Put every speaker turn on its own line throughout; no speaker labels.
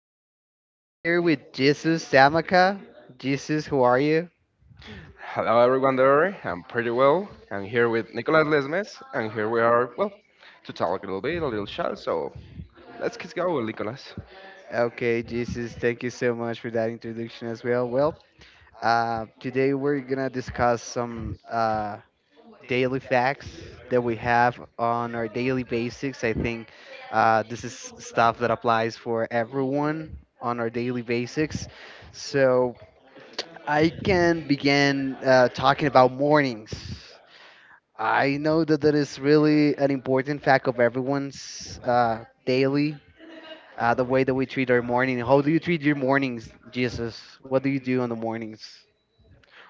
I'm here with Jesus Samaka. Jesus, who are you?
Hello, everyone there. I'm pretty well. I'm here with Nicolas Lesmes, and here we are, well, to talk a little bit, a little chat. So let's get going, Nicolas.
Okay, Jesus, thank you so much for that introduction as well. Well, today we're gonna discuss some daily facts that we have on our daily basics. I think this is stuff that applies for everyone on our daily basics. So I can begin talking about mornings. I know that that is really an important fact of everyone's daily. The way that we treat our morning. How do you treat your mornings, Jesus? What do you do on the mornings?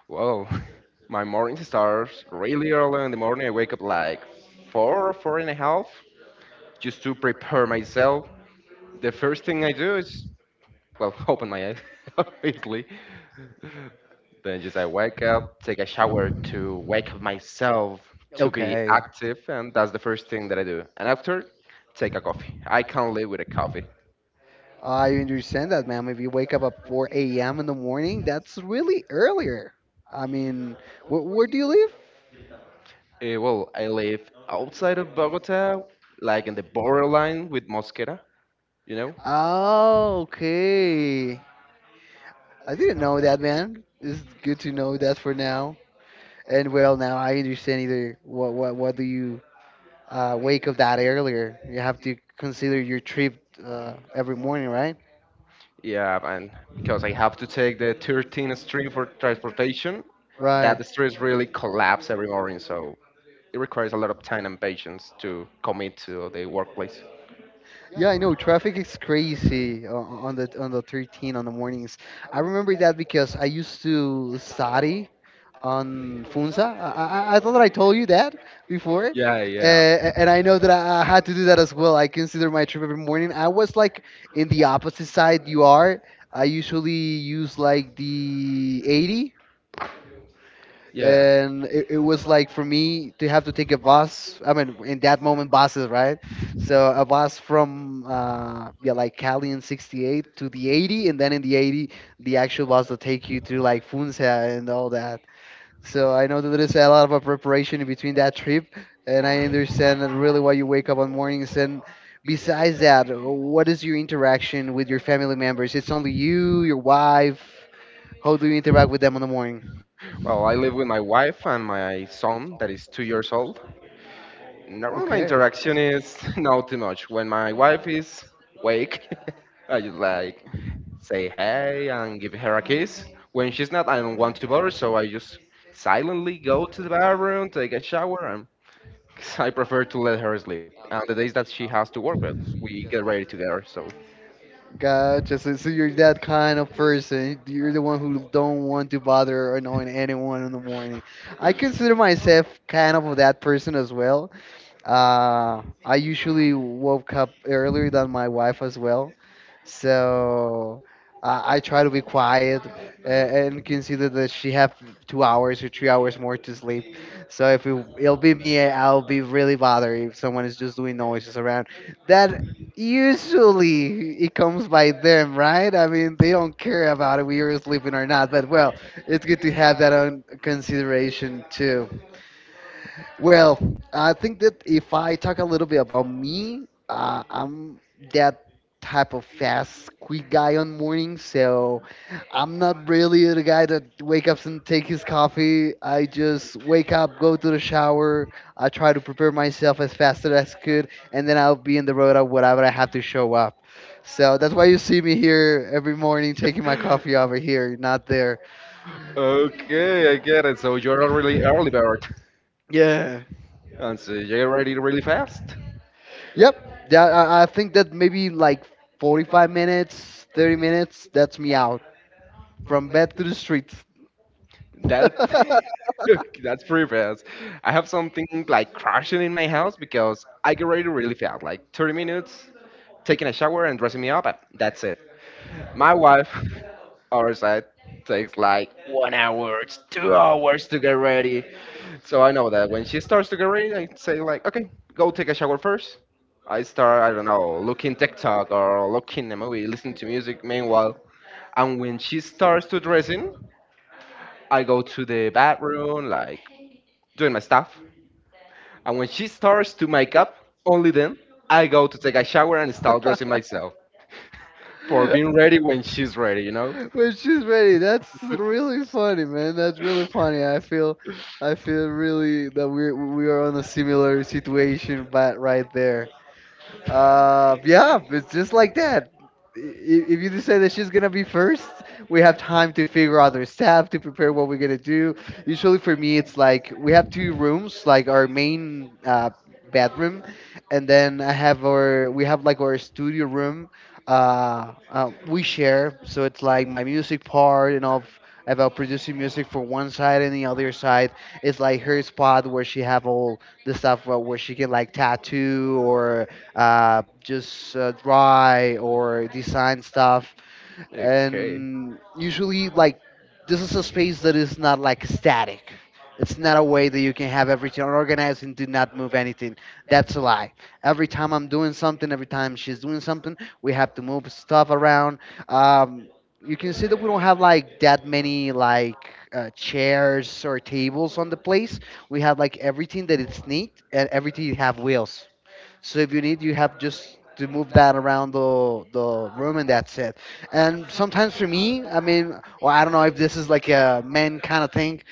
Well, my morning starts really early in the morning. I wake up like four, four and a half, just to prepare myself. The first thing I do is, well, open my eyes, obviously. Then just I wake up, take a shower to wake up myself to be, okay,
Okay.
active, and that's the first thing that I do. And after, take a coffee. I can't live with a coffee.
I understand that, ma'am. If you wake up at 4 a.m. in the morning, that's really earlier. I mean, where do you live?
Well, I live outside of Bogota, like in the borderline with Mosquera, you know?
Oh, okay. I didn't know that, man. It's good to know that for now. And well, now I understand either what do you wake up that earlier? You have to consider your trip every morning, right?
Yeah, and because I have to take the 13th street for transportation,
Right.
that street really collapse every morning, so it requires a lot of time and patience to commit to the workplace.
Yeah, I know traffic is crazy on the 13 on the mornings. I remember that because I used to study on Funza. I thought that I told you that before,
Yeah, yeah.
and I know that I had to do that as well. I consider my trip every morning. I was like in the opposite side you are. I usually use like the 80,
Yeah.
and it was like for me to have to take a bus. I mean, in that moment buses, right? So a bus from yeah, like Cali in 68 to the 80, and then in the 80 the actual bus will take you to like Funza and all that. So I know that there is a lot of a preparation in between that trip. And I understand that really why you wake up on mornings. And besides that, what is your interaction with your family members? It's only you, your wife? How do you interact with them in the morning?
Well, I live with my wife and my son that is 2 years old. Normally, my
Okay.
interaction is not too much. When my wife is awake, I just like say hey and give her a kiss. When she's not, I don't want to bother, so I just silently go to the bathroom, take a shower, and I prefer to let her sleep. And the days that she has to work, well, we get ready together, so.
Gotcha. So you're that kind of person. You're the one who don't want to bother or annoying anyone in the morning. I consider myself kind of that person as well. I usually woke up earlier than my wife as well, so I try to be quiet and consider that she have 2 hours or 3 hours more to sleep. So if it'll be me, I'll be really bothered if someone is just doing noises around. That usually it comes by them, right? I mean, they don't care about if we are sleeping or not. But well, it's good to have that on consideration too. Well, I think that if I talk a little bit about me, I'm that type of fast, quick guy on mornings. So I'm not really the guy that wake up and take his coffee. I just wake up, go to the shower. I try to prepare myself as fast as I could, and then I'll be in the road at whatever I have to show up. So that's why you see me here every morning taking my coffee over here, not there.
Okay, I get it. So you're a really early bird,
Yeah.
and so you're ready really fast.
Yep. Yeah, I think that maybe like 45 minutes, 30 minutes, that's me out. From bed to the street.
That that's pretty fast. I have something like crashing in my house because I get ready really fast, like 30 minutes, taking a shower and dressing me up, and that's it. My wife, our side, takes like 1 hour, 2 hours to get ready. So I know that when she starts to get ready, I say like, okay, go take a shower first. I start, I don't know, looking TikTok or looking a movie, listening to music meanwhile. And when she starts to dressing, I go to the bathroom, like doing my stuff. And when she starts to make up, only then I go to take a shower and start dressing myself for being ready when she's ready, you know?
When she's ready, that's really funny, man. That's really funny. I feel really that we are on a similar situation, but right there. Yeah, it's just like that. If you just say that she's gonna be first, we have time to figure out our staff to prepare what we're gonna do. Usually for me, it's like we have two rooms, like our main bedroom, and then I have our we have like our studio room. We share, so it's like my music part and of about producing music for one side and the other side is like her spot where she have all the stuff where she can like tattoo or just dry or design stuff.
Okay.
And usually, like, this is a space that is not like static. It's not a way that you can have everything organized and do not move anything. That's a lie. Every time I'm doing something, every time she's doing something, we have to move stuff around. Um, you can see that we don't have like that many like chairs or tables on the place. We have like everything that it's neat and everything have wheels. So if you need, you have just to move that around the room, and that's it. And sometimes for me, I mean, well, I don't know if this is like a man kind of thing,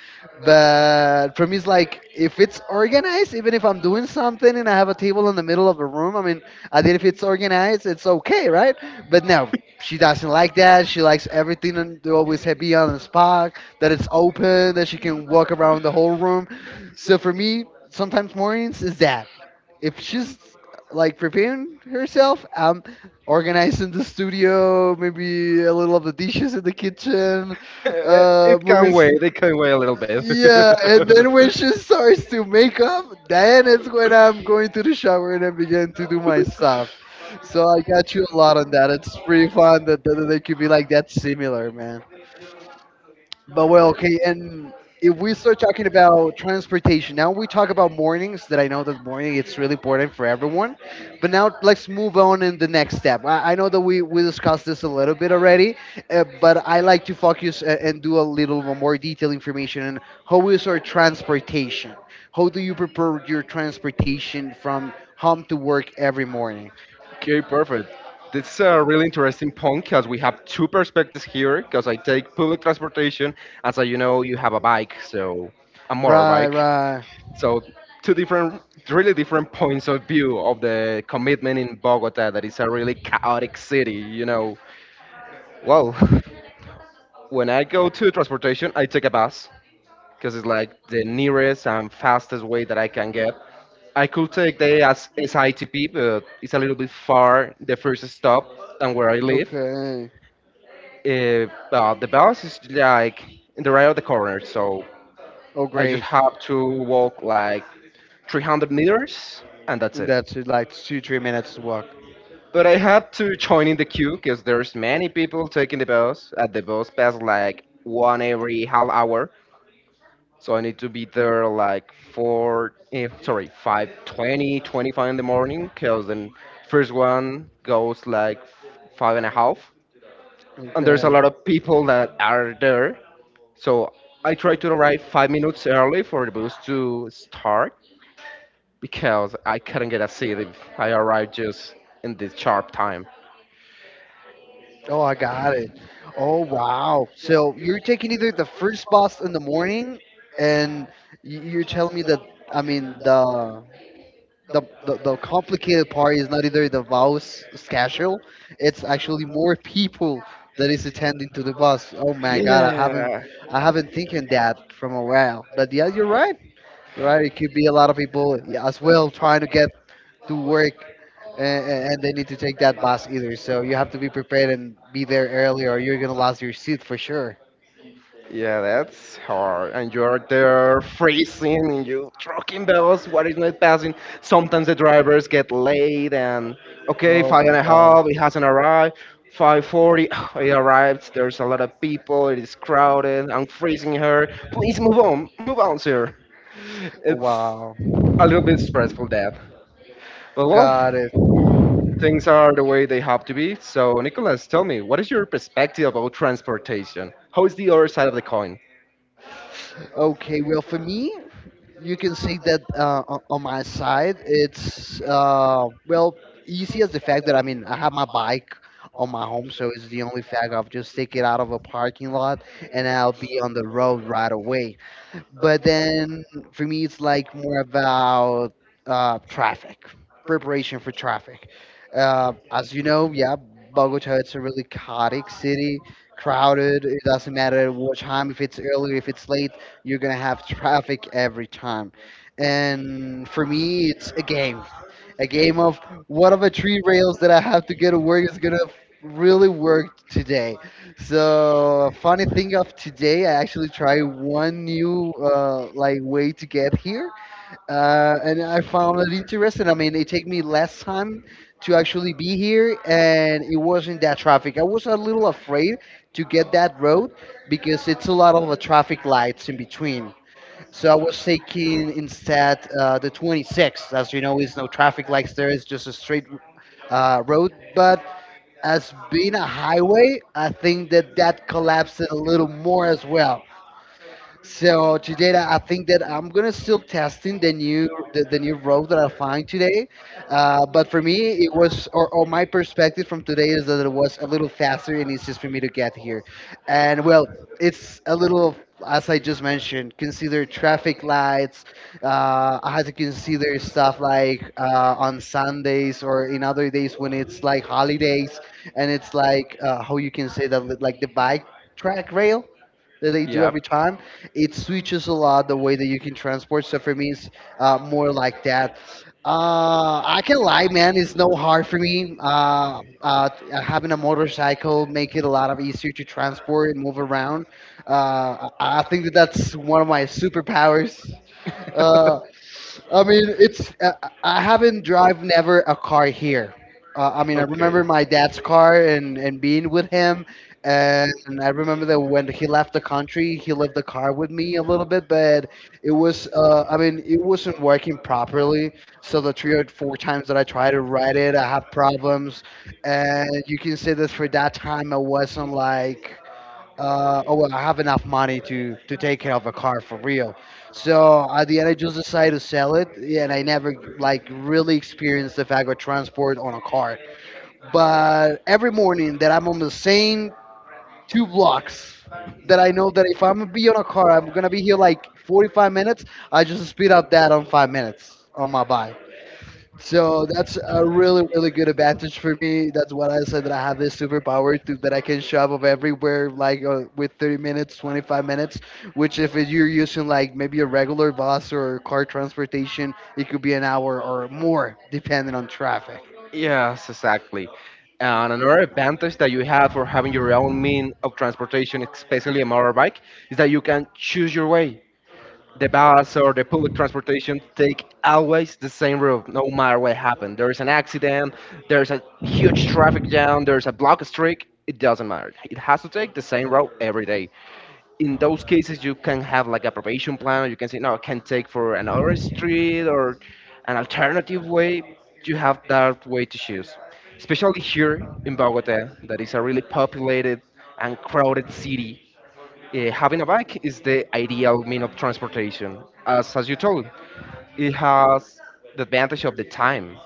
but for me, it's like if it's organized, even if I'm doing something and I have a table in the middle of the room, I mean, I did if it's organized, it's okay, right? But no. She doesn't like that. She likes everything and they always have be on the spot, that it's open, that she can walk around the whole room. So for me, sometimes mornings is that. If she's like preparing herself. I'm organizing the studio, maybe a little of the dishes in the kitchen,
It
moving.
can wait. It can wait a little bit.
Yeah, and then when she starts to make up, then it's when I'm going to the shower and I begin to do my stuff. So I got you a lot on that. It's pretty fun that they could be like that similar, but well, okay, and if we start talking about transportation, now we talk about mornings that I know that morning it's really important for everyone. But now let's move on in the next step. I know that we discussed this a little bit already, but I like to focus and do a little more detailed information on how is our transportation? How do you prepare your transportation from home to work every morning?
Okay, perfect. This is a really interesting point because we have two perspectives here. Because I take public transportation, as I, you have a bike, so a
Right,
motorbike.
right.
So two different, really different points of view of the commitment in Bogota. That is a really chaotic city, you know. Well, when I go to transportation, I take a bus because it's like the nearest and fastest way that I can get. I could take the as
Take.
SITP, but it's a little bit far the first stop than where I live.
Okay.
But the bus is like in the right of the corner, so
Oh,
I
great.
just have to walk like 300 meters and that's
And
it.
that's it, like two, 3 minutes walk.
But I had to join in the queue because there's many people taking the bus. At the bus pass like one every half hour, so I need to be there like four, sorry, 5:20, 25 in the morning, because then first one goes like five and a half.
And
And there's a
okay.
lot of people that are there. So I try to arrive 5 minutes early for the bus to start because I couldn't get a seat if I arrived just in this sharp time.
Oh, I got it. Oh, wow. So you're taking either the first bus in the morning, and you're telling me that, I mean, the complicated part is not either the vows schedule. It's actually more people that is attending to the bus. Oh my god,
Yeah.
I haven't thinking that from a while. But yeah, you're right, you're right, it could be a lot of people, yeah, as well trying to get to work. And they need to take that bus either, so you have to be prepared and be there early, or you're gonna lose your seat for sure.
Yeah, that's hard. And you're there freezing and you trucking bells, what is not passing? Sometimes the drivers get late and okay,
Oh
five and
my
a
god.
half, it hasn't arrived. 5:40, it arrives, there's a lot of people, it is crowded, I'm freezing her. Please move on, move on, sir. It's
Wow,
a little bit stressful that. But well,
got it.
things are the way they have to be. So, Nicholas, tell me, what is your perspective about transportation? How is the other side of the coin?
Okay, well, for me, you can say that on my side, it's well easy as the fact that I mean I have my bike on my home, so it's the only fact I'll just take it out of a parking lot and I'll be on the road right away. But then for me, it's like more about traffic, preparation for traffic. As you know, yeah, Bogota it's a really chaotic city, crowded. It doesn't matter at what time, if it's early, if it's late, you're gonna have traffic every time. And for me, it's a game of what are the three rails that I have to get to work is gonna really work today. So funny thing of today, I actually tried one new like way to get here, and I found it interesting. I mean, it took me less time to actually be here, and it wasn't that traffic. I was a little afraid to get that road because it's a lot of traffic lights in between. So I was taking instead the 26. As you know, is no traffic lights there. It's just a straight road, but as being a highway, I think that that collapsed it a little more as well. So today, that I think that I'm gonna still testing the new road that I find today. But for me, it was or my perspective from today is that it was a little faster and it's just for me to get here. And well, it's a little as I just mentioned, consider traffic lights. I had to consider stuff like on Sundays or in other days when it's like holidays and it's like how you can say that like the bike track rail that they do every time it switches a lot the way that you can transport. So for me, it's
Yep.
more like that. I can lie, man. It's no hard for me. Having a motorcycle make it a lot of easier to transport and move around. I think that that's one of my superpowers. Uh, I mean, it's I haven't drive never a car here. I mean, I
Okay.
remember my dad's car and being with him, and I remember that when he left the country, he left the car with me a little bit, but it was I mean, it wasn't working properly. So the three or four times that I tried to ride it, I have problems, and you can say that for that time I wasn't like oh well, I have enough money to take care of a car for real. So at the end, I just decided to sell it, and I never like really experienced the fact of transport on a car. But every morning that I'm on the same two blocks, that I know that if I'm gonna be on a car, I'm gonna be here like 45 minutes. I just speed up that on 5 minutes on my bike. So that's a really, really good advantage for me. That's what I said that I have this superpower to, that I can travel everywhere like with 30 minutes, 25 minutes. Which if you're using like maybe a regular bus or car transportation, it could be an hour or more depending on traffic.
Yes, exactly. And another advantage that you have for having your own mean of transportation, especially a motorbike, is that you can choose your way. The bus or the public transportation take always the same route, no matter what happened. There is an accident, there's a huge traffic jam, there's a block streak. It doesn't matter. It has to take the same route every day. In those cases, you can have like a probation plan, or you can say, no, I can take for another street or an alternative way. You have that way to choose. Especially here in Bogota, that is a really populated and crowded city, having a bike is the ideal mean of transportation. As you told, it has the advantage of the time.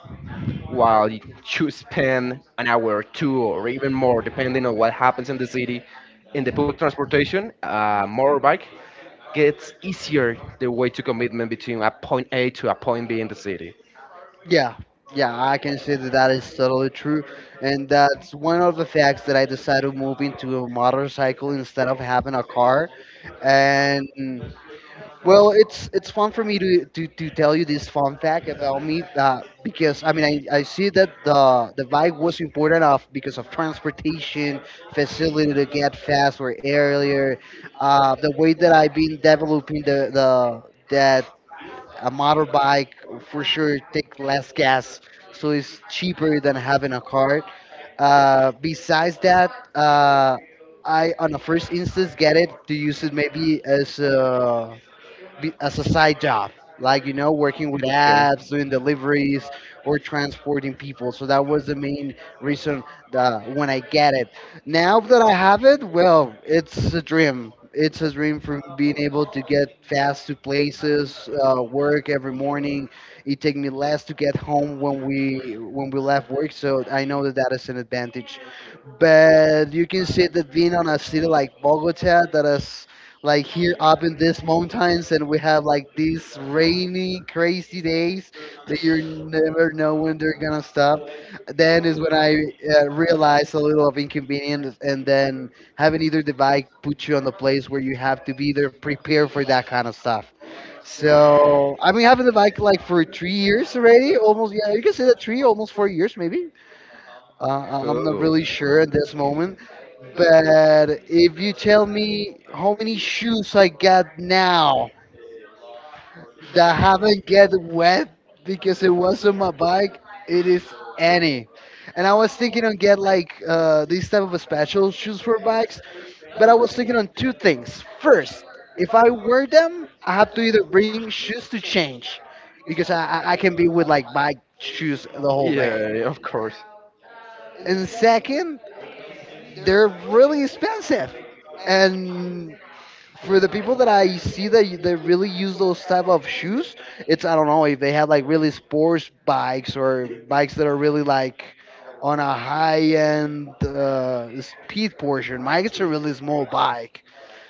While you spend an hour, two, or even more, depending on what happens in the city, in the public transportation, a motorbike gets easier the way to commitment between a point A to a point B in the city.
Yeah, yeah, I can say that that is totally true, and that's one of the facts that I decided to move into a motorcycle instead of having a car. And well, it's fun for me to tell you this fun fact about me because I mean I see that the bike was important of because of transportation facility to get faster earlier. The way that I've been developing the that a motorbike for sure take less gas, so it's cheaper than having a car. Besides that, I on the first instance get it to use it maybe as a as a side job, like you know, working with apps, doing deliveries, or transporting people. So that was the main reason that when I get it. Now that I have it, well, it's a dream. It's a dream from being able to get fast to places, work every morning. It take me less to get home when we left work, so I know that that is an advantage. But you can see that being on a city like Bogota that is like here up in these mountains, and we have like these rainy, crazy days that you never know when they're gonna stop. Then is when I realized a little of inconvenience, and then having either the bike put you on the place where you have to be there prepared for that kind of stuff. So I've been having the bike like for 3 years already, almost. Yeah, you can say that three, almost 4 years, maybe. I'm not
Oh.
really sure at this moment, but if you tell me how many shoes I got now that haven't get wet because it was on my bike, it is any. And I was thinking on get like these type of special shoes for bikes, but I was thinking on two things. First, if I wear them, I have to either bring shoes to change because I can be with like bike shoes the whole day.
Yeah, yeah, of course.
And second, they're really expensive. And for the people that I see that really use those type of shoes, it's I don't know if they have like really sports bikes or bikes that are really like on a high end speed portion. Mine it's a really small bike.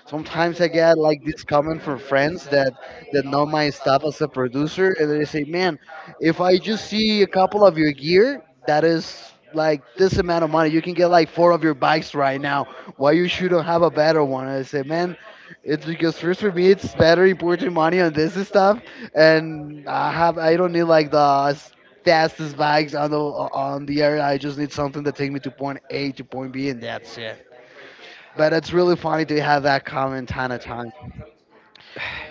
Sometimes I get like this comment from friends that know my stuff as a producer, and they say, "Man, if I just see a couple of your gear, that is like this amount of money. You can get like four of your bikes right now. Why you shouldn't have a better one?" And I say, "Man, it's because first for me it's better important money on this stuff, and I have I don't need like the fastest bikes on the area. I just need something that take me to point A to point B, and that's it." But it's really funny to have that comment time to time.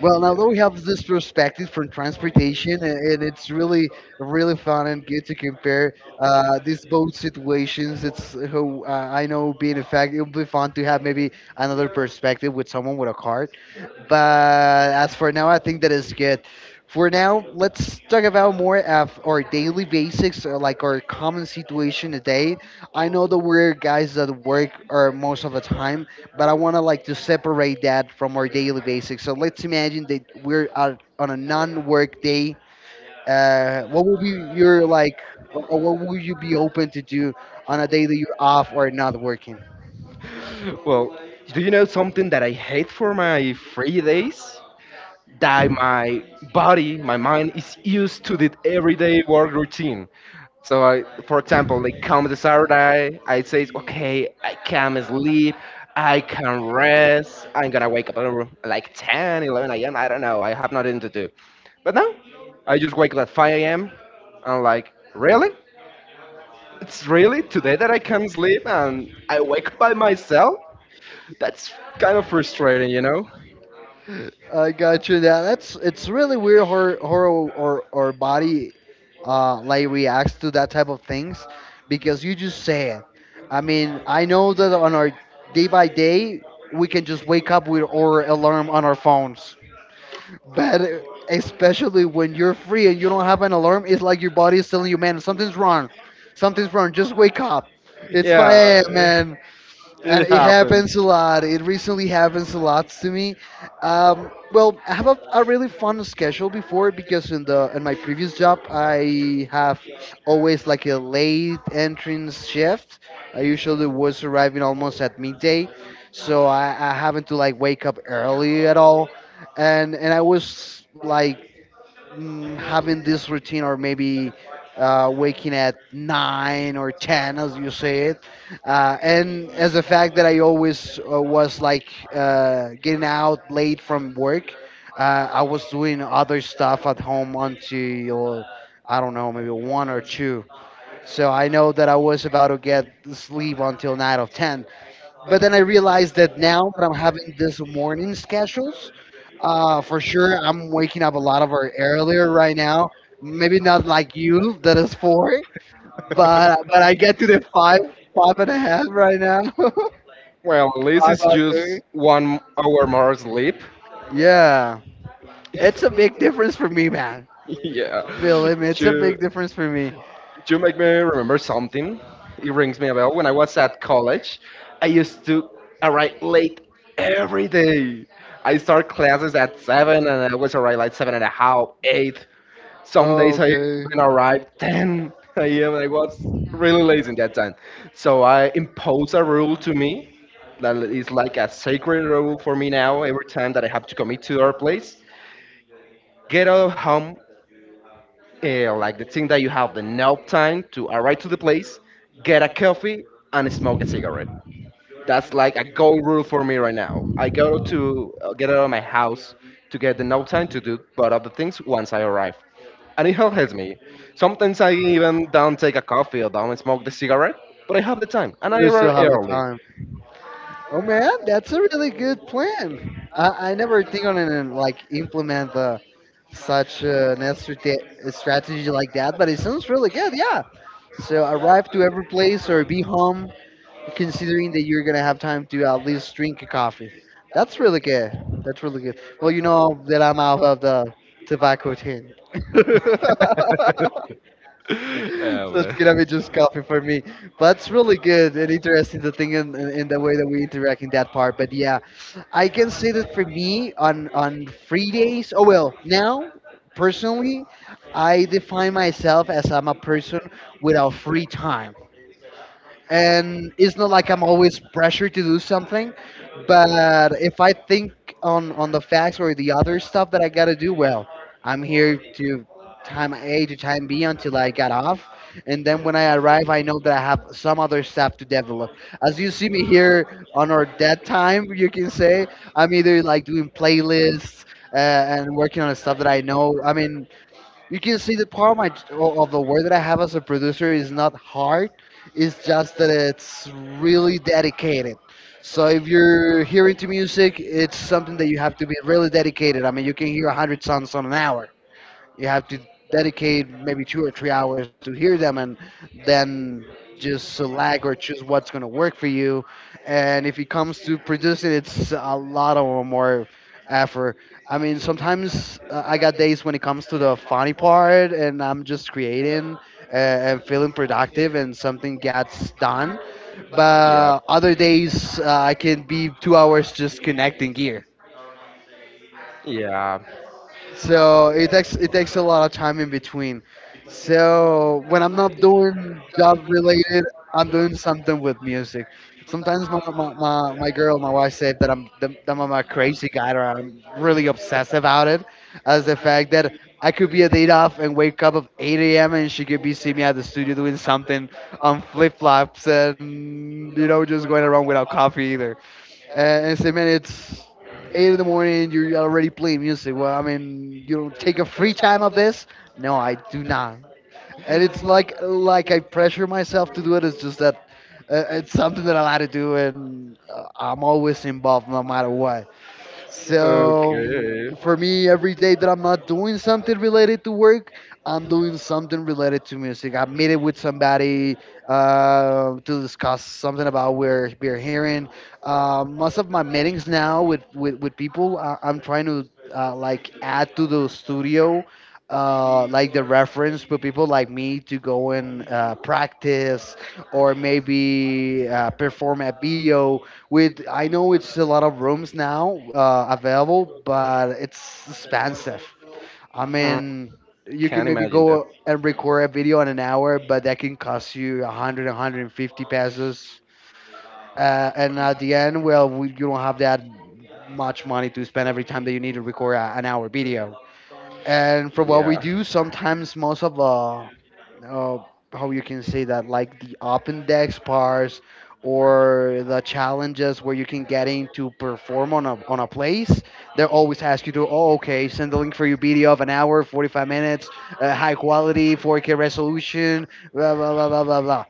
Well, now that we have this perspective from transportation, and it's really, really fun and good to compare these both situations. It's who I know being a fact, it'll be fun to have maybe another perspective with someone with a card.
Yeah.
But as for now, I think that is good. For now, let's
let
talk about more of our daily basics, or like our common situation today. I know that we're guys that work or most of the time, but I want to like to separate that from our daily basics. So let's imagine that we're out on a non-work day. What would be your like, or what would you be open to do on a day that you're off or not working?
Well, do you know something that I hate for my free days? That my body, my mind is used to the everyday work routine. So I, for example, like come the Saturday, I say, okay, I can sleep, I can rest. I'm gonna wake up at like 10, 11 a.m. I don't know. I have nothing to do. But no, I just wake up at 5 a.m. I'm like, really? It's really today that I can sleep and I wake up by myself? That's kind of frustrating, you know?
I got you. That's it's really weird how or body like reacts to that type of things because you just say it. I mean, I know that on our day by day we can just wake up with our alarm on our phones bad, especially when you're free and you don't have an alarm. It's like your body is telling you, man, something's wrong. Something's wrong. Just wake up. It's 5 a.m.,
Yeah.
man, and
It
it
happens.
happens a lot. It recently happens a lot to me. Well, I have a really fun schedule before because in my previous job I have always like a late entrance shift. I usually was arriving almost at midday, so I haven't to like wake up early at all, and I was like having this routine or maybe waking at 9 or 10 as you say it. And as the fact that I always was like getting out late from work, I was doing other stuff at home until I don't know, maybe 1 or 2, so I know that I was about to get sleep until 9 of 10. But then I realized that now that I'm having this morning schedule, for sure, I'm waking up a lot of our earlier right now. Maybe not like you, that is four, but I get to the five, five and a half right now.
Well, at least
Five
it's
five
just
three.
1 hour more sleep.
Yeah, it's a big difference for me, man.
Yeah.
Believe me, it's a
You,
big difference for me.
you make me remember something. It rings me a bell. When I was at college, I used to arrive late every day. I start classes at 7 and I was arrive like seven and a half, eight. Some days I
Okay.
even arrived 10 a.m. I was really
Really.
lazy in that time. So I imposed a rule to me that is like a sacred rule for me now. Every time that I have to commit to our place, get out of home, like the thing that you have the nap time to arrive to the place, get a coffee and smoke a cigarette. That's like a gold rule for me right now. I go to get out of my house to get the no time to do but other things once I arrive. And it helps me. Sometimes I even don't take a coffee or don't smoke the cigarette, but I have the time and I
We still
arrive
have a
early.
time. Oh man, that's a really good plan. I never think on it and like implement the such an strategy like that, but it sounds really good. Yeah. So arrive to every place or be home, considering that you're gonna have time to at least drink a coffee. That's really good. That's really good. Well, you know that I'm out of the tobacco tin. So it's gonna be just
Oh,
coffee for me. But it's really good and interesting to think in, the way that we interact in that part. But yeah, I can say that for me on free days. Oh well, now personally, I define myself as I'm a person without free time, and it's not like I'm always pressured to do something, but if I think on the facts or the other stuff that I gotta do, well, I'm here to time A to time B until I got off, and then when I arrive, I know that I have some other stuff to develop. As you see me here on our dead time, you can say I'm either like doing playlists and working on stuff that I know. I mean, you can see the part of the work that I have as a producer is not hard. It's just that it's really dedicated. So if you're hearing to music, it's something that you have to be really dedicated. I mean, you can hear 100 songs on an hour. You have to dedicate maybe 2 or 3 hours to hear them and then just select or choose what's going to work for you. And if it comes to producing, it's a lot of more effort. I mean, sometimes I got days when it comes to the funny part and I'm just creating, and feeling productive and something gets done.
yeah,
But other days, I can be 2 hours just connecting gear,
yeah.
so it takes a lot of time in between. So when I'm not doing job related, I'm doing something with music. Sometimes my girl, my wife, said that I'm a crazy guy or I'm really obsessed about it, as the fact that I could be a date off and wake up at 8 a.m. and she could be seeing me at the studio doing something on flip flops and just going around without coffee either and say, man, it's eight in the morning. You're already playing music. Well, I mean, you don't take a free time of this. No, I do not. And it's like I pressure myself to do it. It's just that it's something that I like to do, and I'm always involved no matter what. So
Okay.
for me, every day that I'm not doing something related to work, I'm doing something related to music. I meet it with somebody to discuss something about where we're hearing. Most of my meetings now with people, I'm trying to like add to the studio. Like the reference for people like me to go and practice or maybe perform a video with I know it's a lot of rooms now available, but it's expensive. I
Not. Mm.
mean, you can
Can't.
maybe go and record a video in an hour, but that can cost you 100, 150 pesos. And at the end, well, you don't have that much money to spend every time that you need to record an hour video and for what we do sometimes most of the uh, how you can say that like the open decks bars or the challenges where you can get in to perform on on a place. They always ask you to, oh, okay, send the link for your video of an hour 45 minutes, high quality 4K resolution, blah blah blah blah blah blah,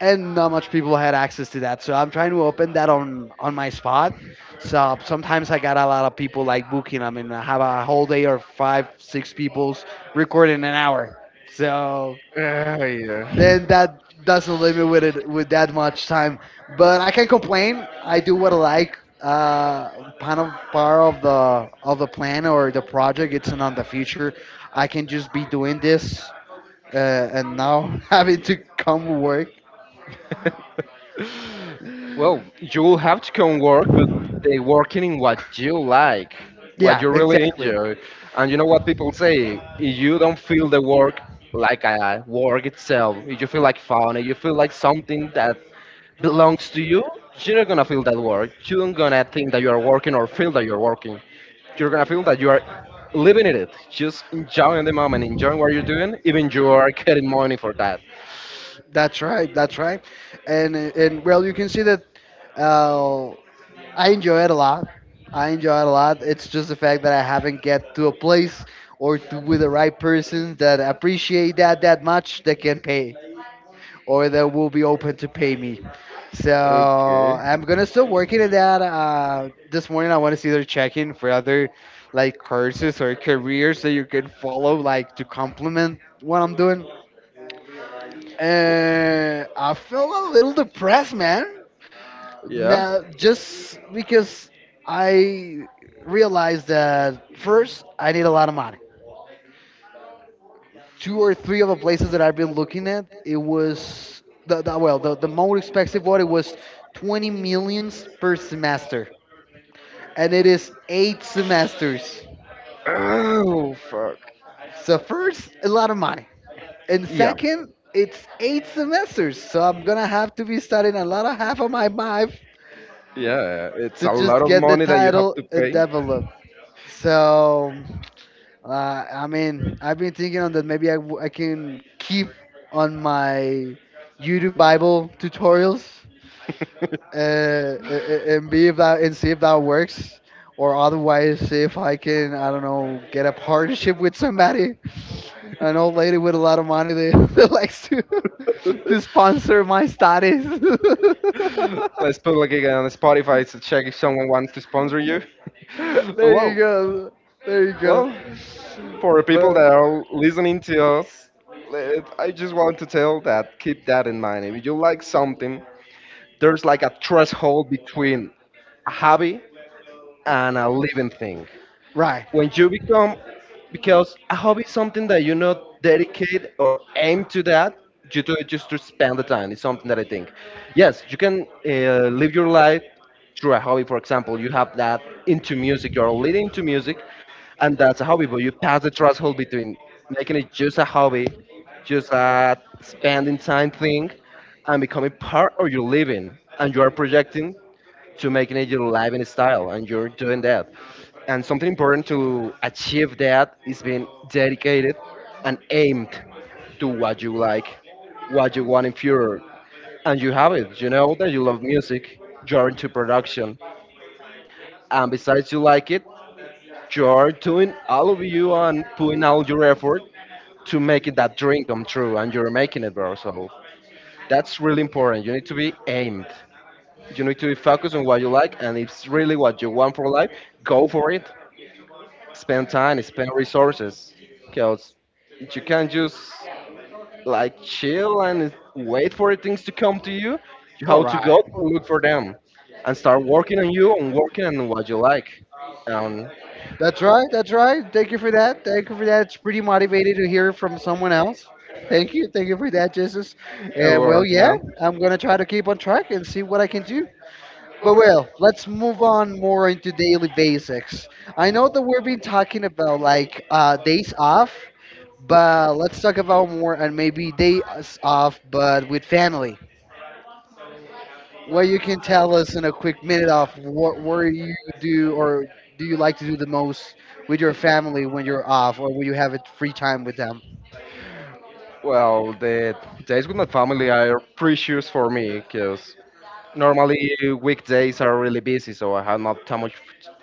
and not much people had access to that. So I'm trying to open that on my spot. So sometimes I got a lot of people like booking. I mean, I have a whole day or five, six people's recording an hour. So
Ah, yeah.
then that doesn't leave me with that much time. But I can't complain. I do what I like. Kind of part of the plan or the project. It's not the future. I can just be doing this and now having to come work.
Well, you will have to come work, but they working in what you like, what
Yeah,
you really
exactly.
enjoy. And you know what people say? If you don't feel the work like a work itself, if you feel like fun, if you feel like something that belongs to you, you're not gonna feel that work. You're not gonna think that you are working or feel that you're working. You're gonna feel that you are living in it, just enjoying the moment, enjoying what you're doing, even you are getting money for that.
That's right. That's right. And well, you can see that uh, I enjoy it a lot. I enjoy it a lot. It's just the fact that I haven't get to a place or to with the right person that appreciate that that much that can pay or that will be open to pay me. So
Okay.
I'm gonna still working at that. This morning I want to see their checking for other like courses or careers that you can follow like to complement what I'm doing. And I felt a little depressed, man.
Yeah.
Now, just because I realized that first I need a lot of money. Two or three of the places that I've been looking at, it was the most expensive one. It was 20 millions per semester, and it is eight semesters.
Oh, fuck.
So first, a lot of money, and
Yeah.
second, it's eight semesters. So I'm gonna have to be studying a lot of half of my life
Yeah, it's
to
a lot
just
of
get the
money that you have
title
to
and
pay.
develop. So, I mean, I've been thinking on that maybe I can keep on my YouTube Bible tutorials and be if that and see if that works, or otherwise see if I can, I don't know, get a partnership with somebody, an old lady with a lot of money that, that likes to to sponsor my studies.
Let's put like again on Spotify to check if someone wants to sponsor you.
There
well,
you go, there you go.
well, for the people that
But
are listening to us, I just want to tell that keep that in mind. If you like something, there's like a threshold between a hobby and a living thing
right.
when you become, because a hobby is something that you not dedicate or aim to, that you do it just to spend the time. It's something that I think, yes, you can live your life through a hobby. For example, you have that into music. You're leading to music, and that's a hobby. But you pass the threshold between making it just a hobby, just a spending time thing, and becoming part of your living, and you are projecting to making it your living style, and you're doing that. And something important to achieve that is being dedicated and aimed to what you like, what you want in future. And you have it. You know that you love music. You're into production, and besides you like it, you're doing all of you and putting all your effort to make it that dream come true, and you're making it, bro. So that's really important. You need to be aimed. You need to be focused on what you like, and if it's really what you want for life, go for it. Spend time, spend resources, because you can't just like chill and wait for things to come to you. You
All
have to go
right.
and look for them, and start working on you and working on what you like. Um,
That's right. That's right. Thank you for that. Thank you for that. It's pretty motivating to hear from someone else. Thank you. Thank you for that, Jesus.
it
And well,
works,
yeah,
man.
I'm going to try to keep on track and see what I can do. But well, let's move on more into daily basics. I know that we've been talking about like days off, but let's talk about more and maybe days off, but with family. Well, you can tell us in a quick minute of what where you do or do you like to do the most with your family when you're off or when you have a free time with them.
Well, the days with my family are precious for me, because normally weekdays are really busy, so I have not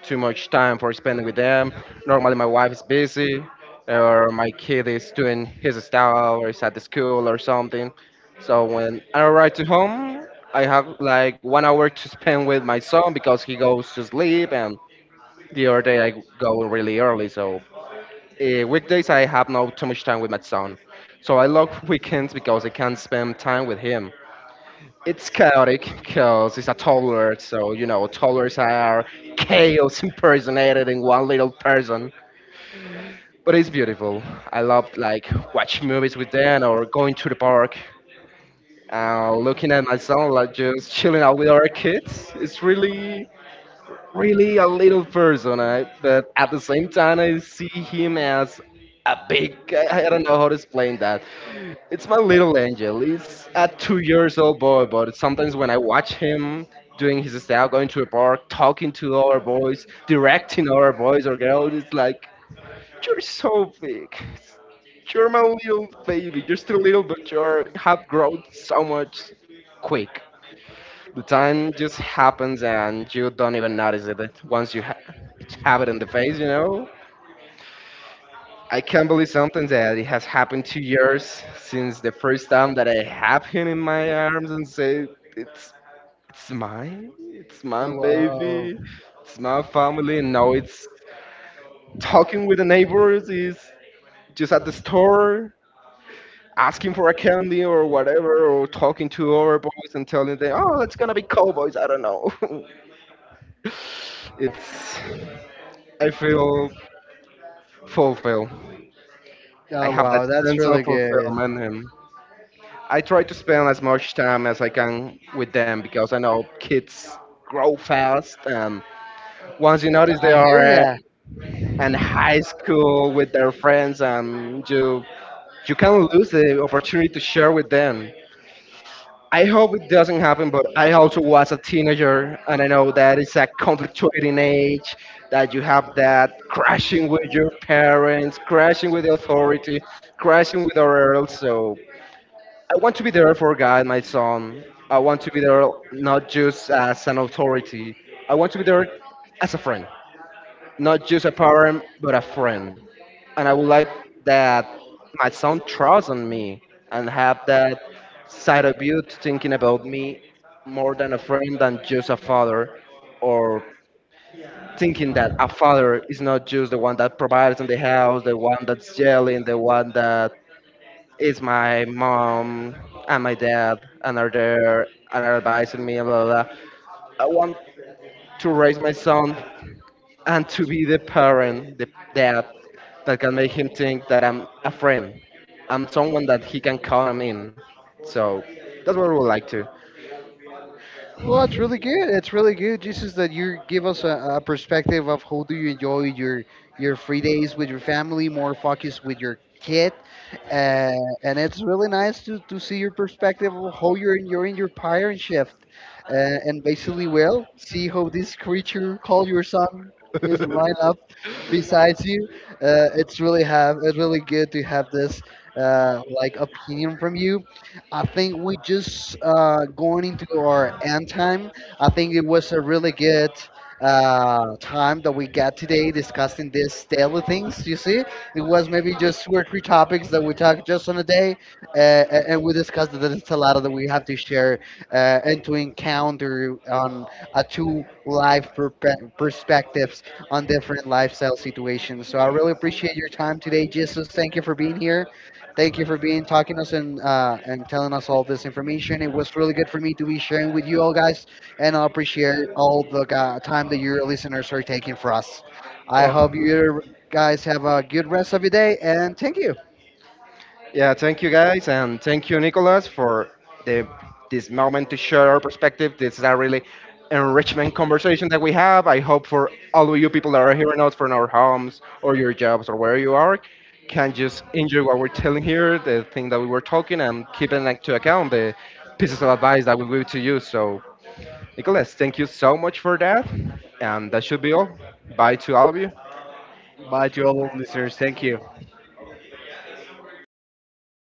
too much time for spending with them. Normally, my wife is busy, or my kid is doing his stuff, or is at the school or something. So when I arrive to home, I have like 1 hour to spend with my son because he goes to sleep, and the other day I go really early. So weekdays I have not too much time with my son. So I love weekends because I can spend time with him. It's chaotic because it's a toddler, so you know toddlers are chaos impersonated in one little person. But it's beautiful. I love like watching movies with them or going to the park, looking at my son like just chilling out with our kids. It's really really a little person, I, but at the same time, I see him as a big. I don't know how to explain that. It's my little angel. He's a 2 years old boy, but sometimes when I watch him doing his style, going to a park, talking to other boys, directing other boys or girls, it's like you're so big. You're my little baby. You're still little, but you are have grown so much quick. The time just happens and you don't even notice it once you have it in the face, you know? I can't believe something that it has happened 2 years since the first time that I have him in my arms and say, it's, it's mine, it's
Oh,
my baby,
wow.
it's my family. And now it's talking with the neighbors, is just at the store, asking for a candy or whatever, or talking to our boys and telling them, oh, it's gonna be cowboys, I don't know. it's I feel fulfilled. I
Oh,
have that
wow. That's
sense of
really good.
fulfillment, and I try to spend as much time as I can with them because I know kids grow fast, and once you notice they
I hear
are
ya.
in high school with their friends, and you can lose the opportunity to share with them. I hope it doesn't happen, but I also was a teenager, and I know that it's a conflictuating age that you have that crashing with your parents, crashing with the authority, crashing with our world. So I want to be there for God, my son. I want to be there not just as an authority. I want to be there as a friend not just a parent, but a friend. And I would like that my son trusts on me and have that side of you thinking about me more than a friend than just a father or thinking that a father is not just the one that provides in the house, the one that's yelling, the one that is my mom and my dad and are there and are advising me and blah blah blah. I want to raise my son and to be the parent, the dad that can make him think that I'm a friend. I'm someone that he can count on in. So that's what we would like to.
Well, it's really good. It's really good. Just is that you give us a perspective of how do you enjoy your free days with your family, more focus with your kid, uh, and it's really nice to see your perspective of how you're enjoying your parent shift, and basically, well, see how this creature called your son is right up beside you. It's really have it's really good to have this like opinion from you. I think we just going into our end time. I think it was a really good time that we got today discussing these daily things. You see, it was maybe just two or three topics that we talked just on a day, and we discussed that it's a lot that we have to share and to encounter on a two life perspectives on different lifestyle situations. So I really appreciate your time today, Jesus. Thank you for being here. Thank you for being talking us and telling us all this information. It was really good for me to be sharing with you all guys, and I appreciate all the time that your listeners are taking for us. I
Well,
hope you guys have a good rest of your day, and thank you.
yeah, thank you guys, and thank you, Nicholas, for the this moment to share our perspective. This is a really enrichment conversation that we have. I hope for all of you people that are hearing us from our homes or your jobs or where you are, can just enjoy what we're telling here, the thing that we were talking, and keep it into account the pieces of advice that we give to you. So Nicholas, thank you so much for that. And that should be all. Bye to all of you.
Bye to all our listeners. Thank you.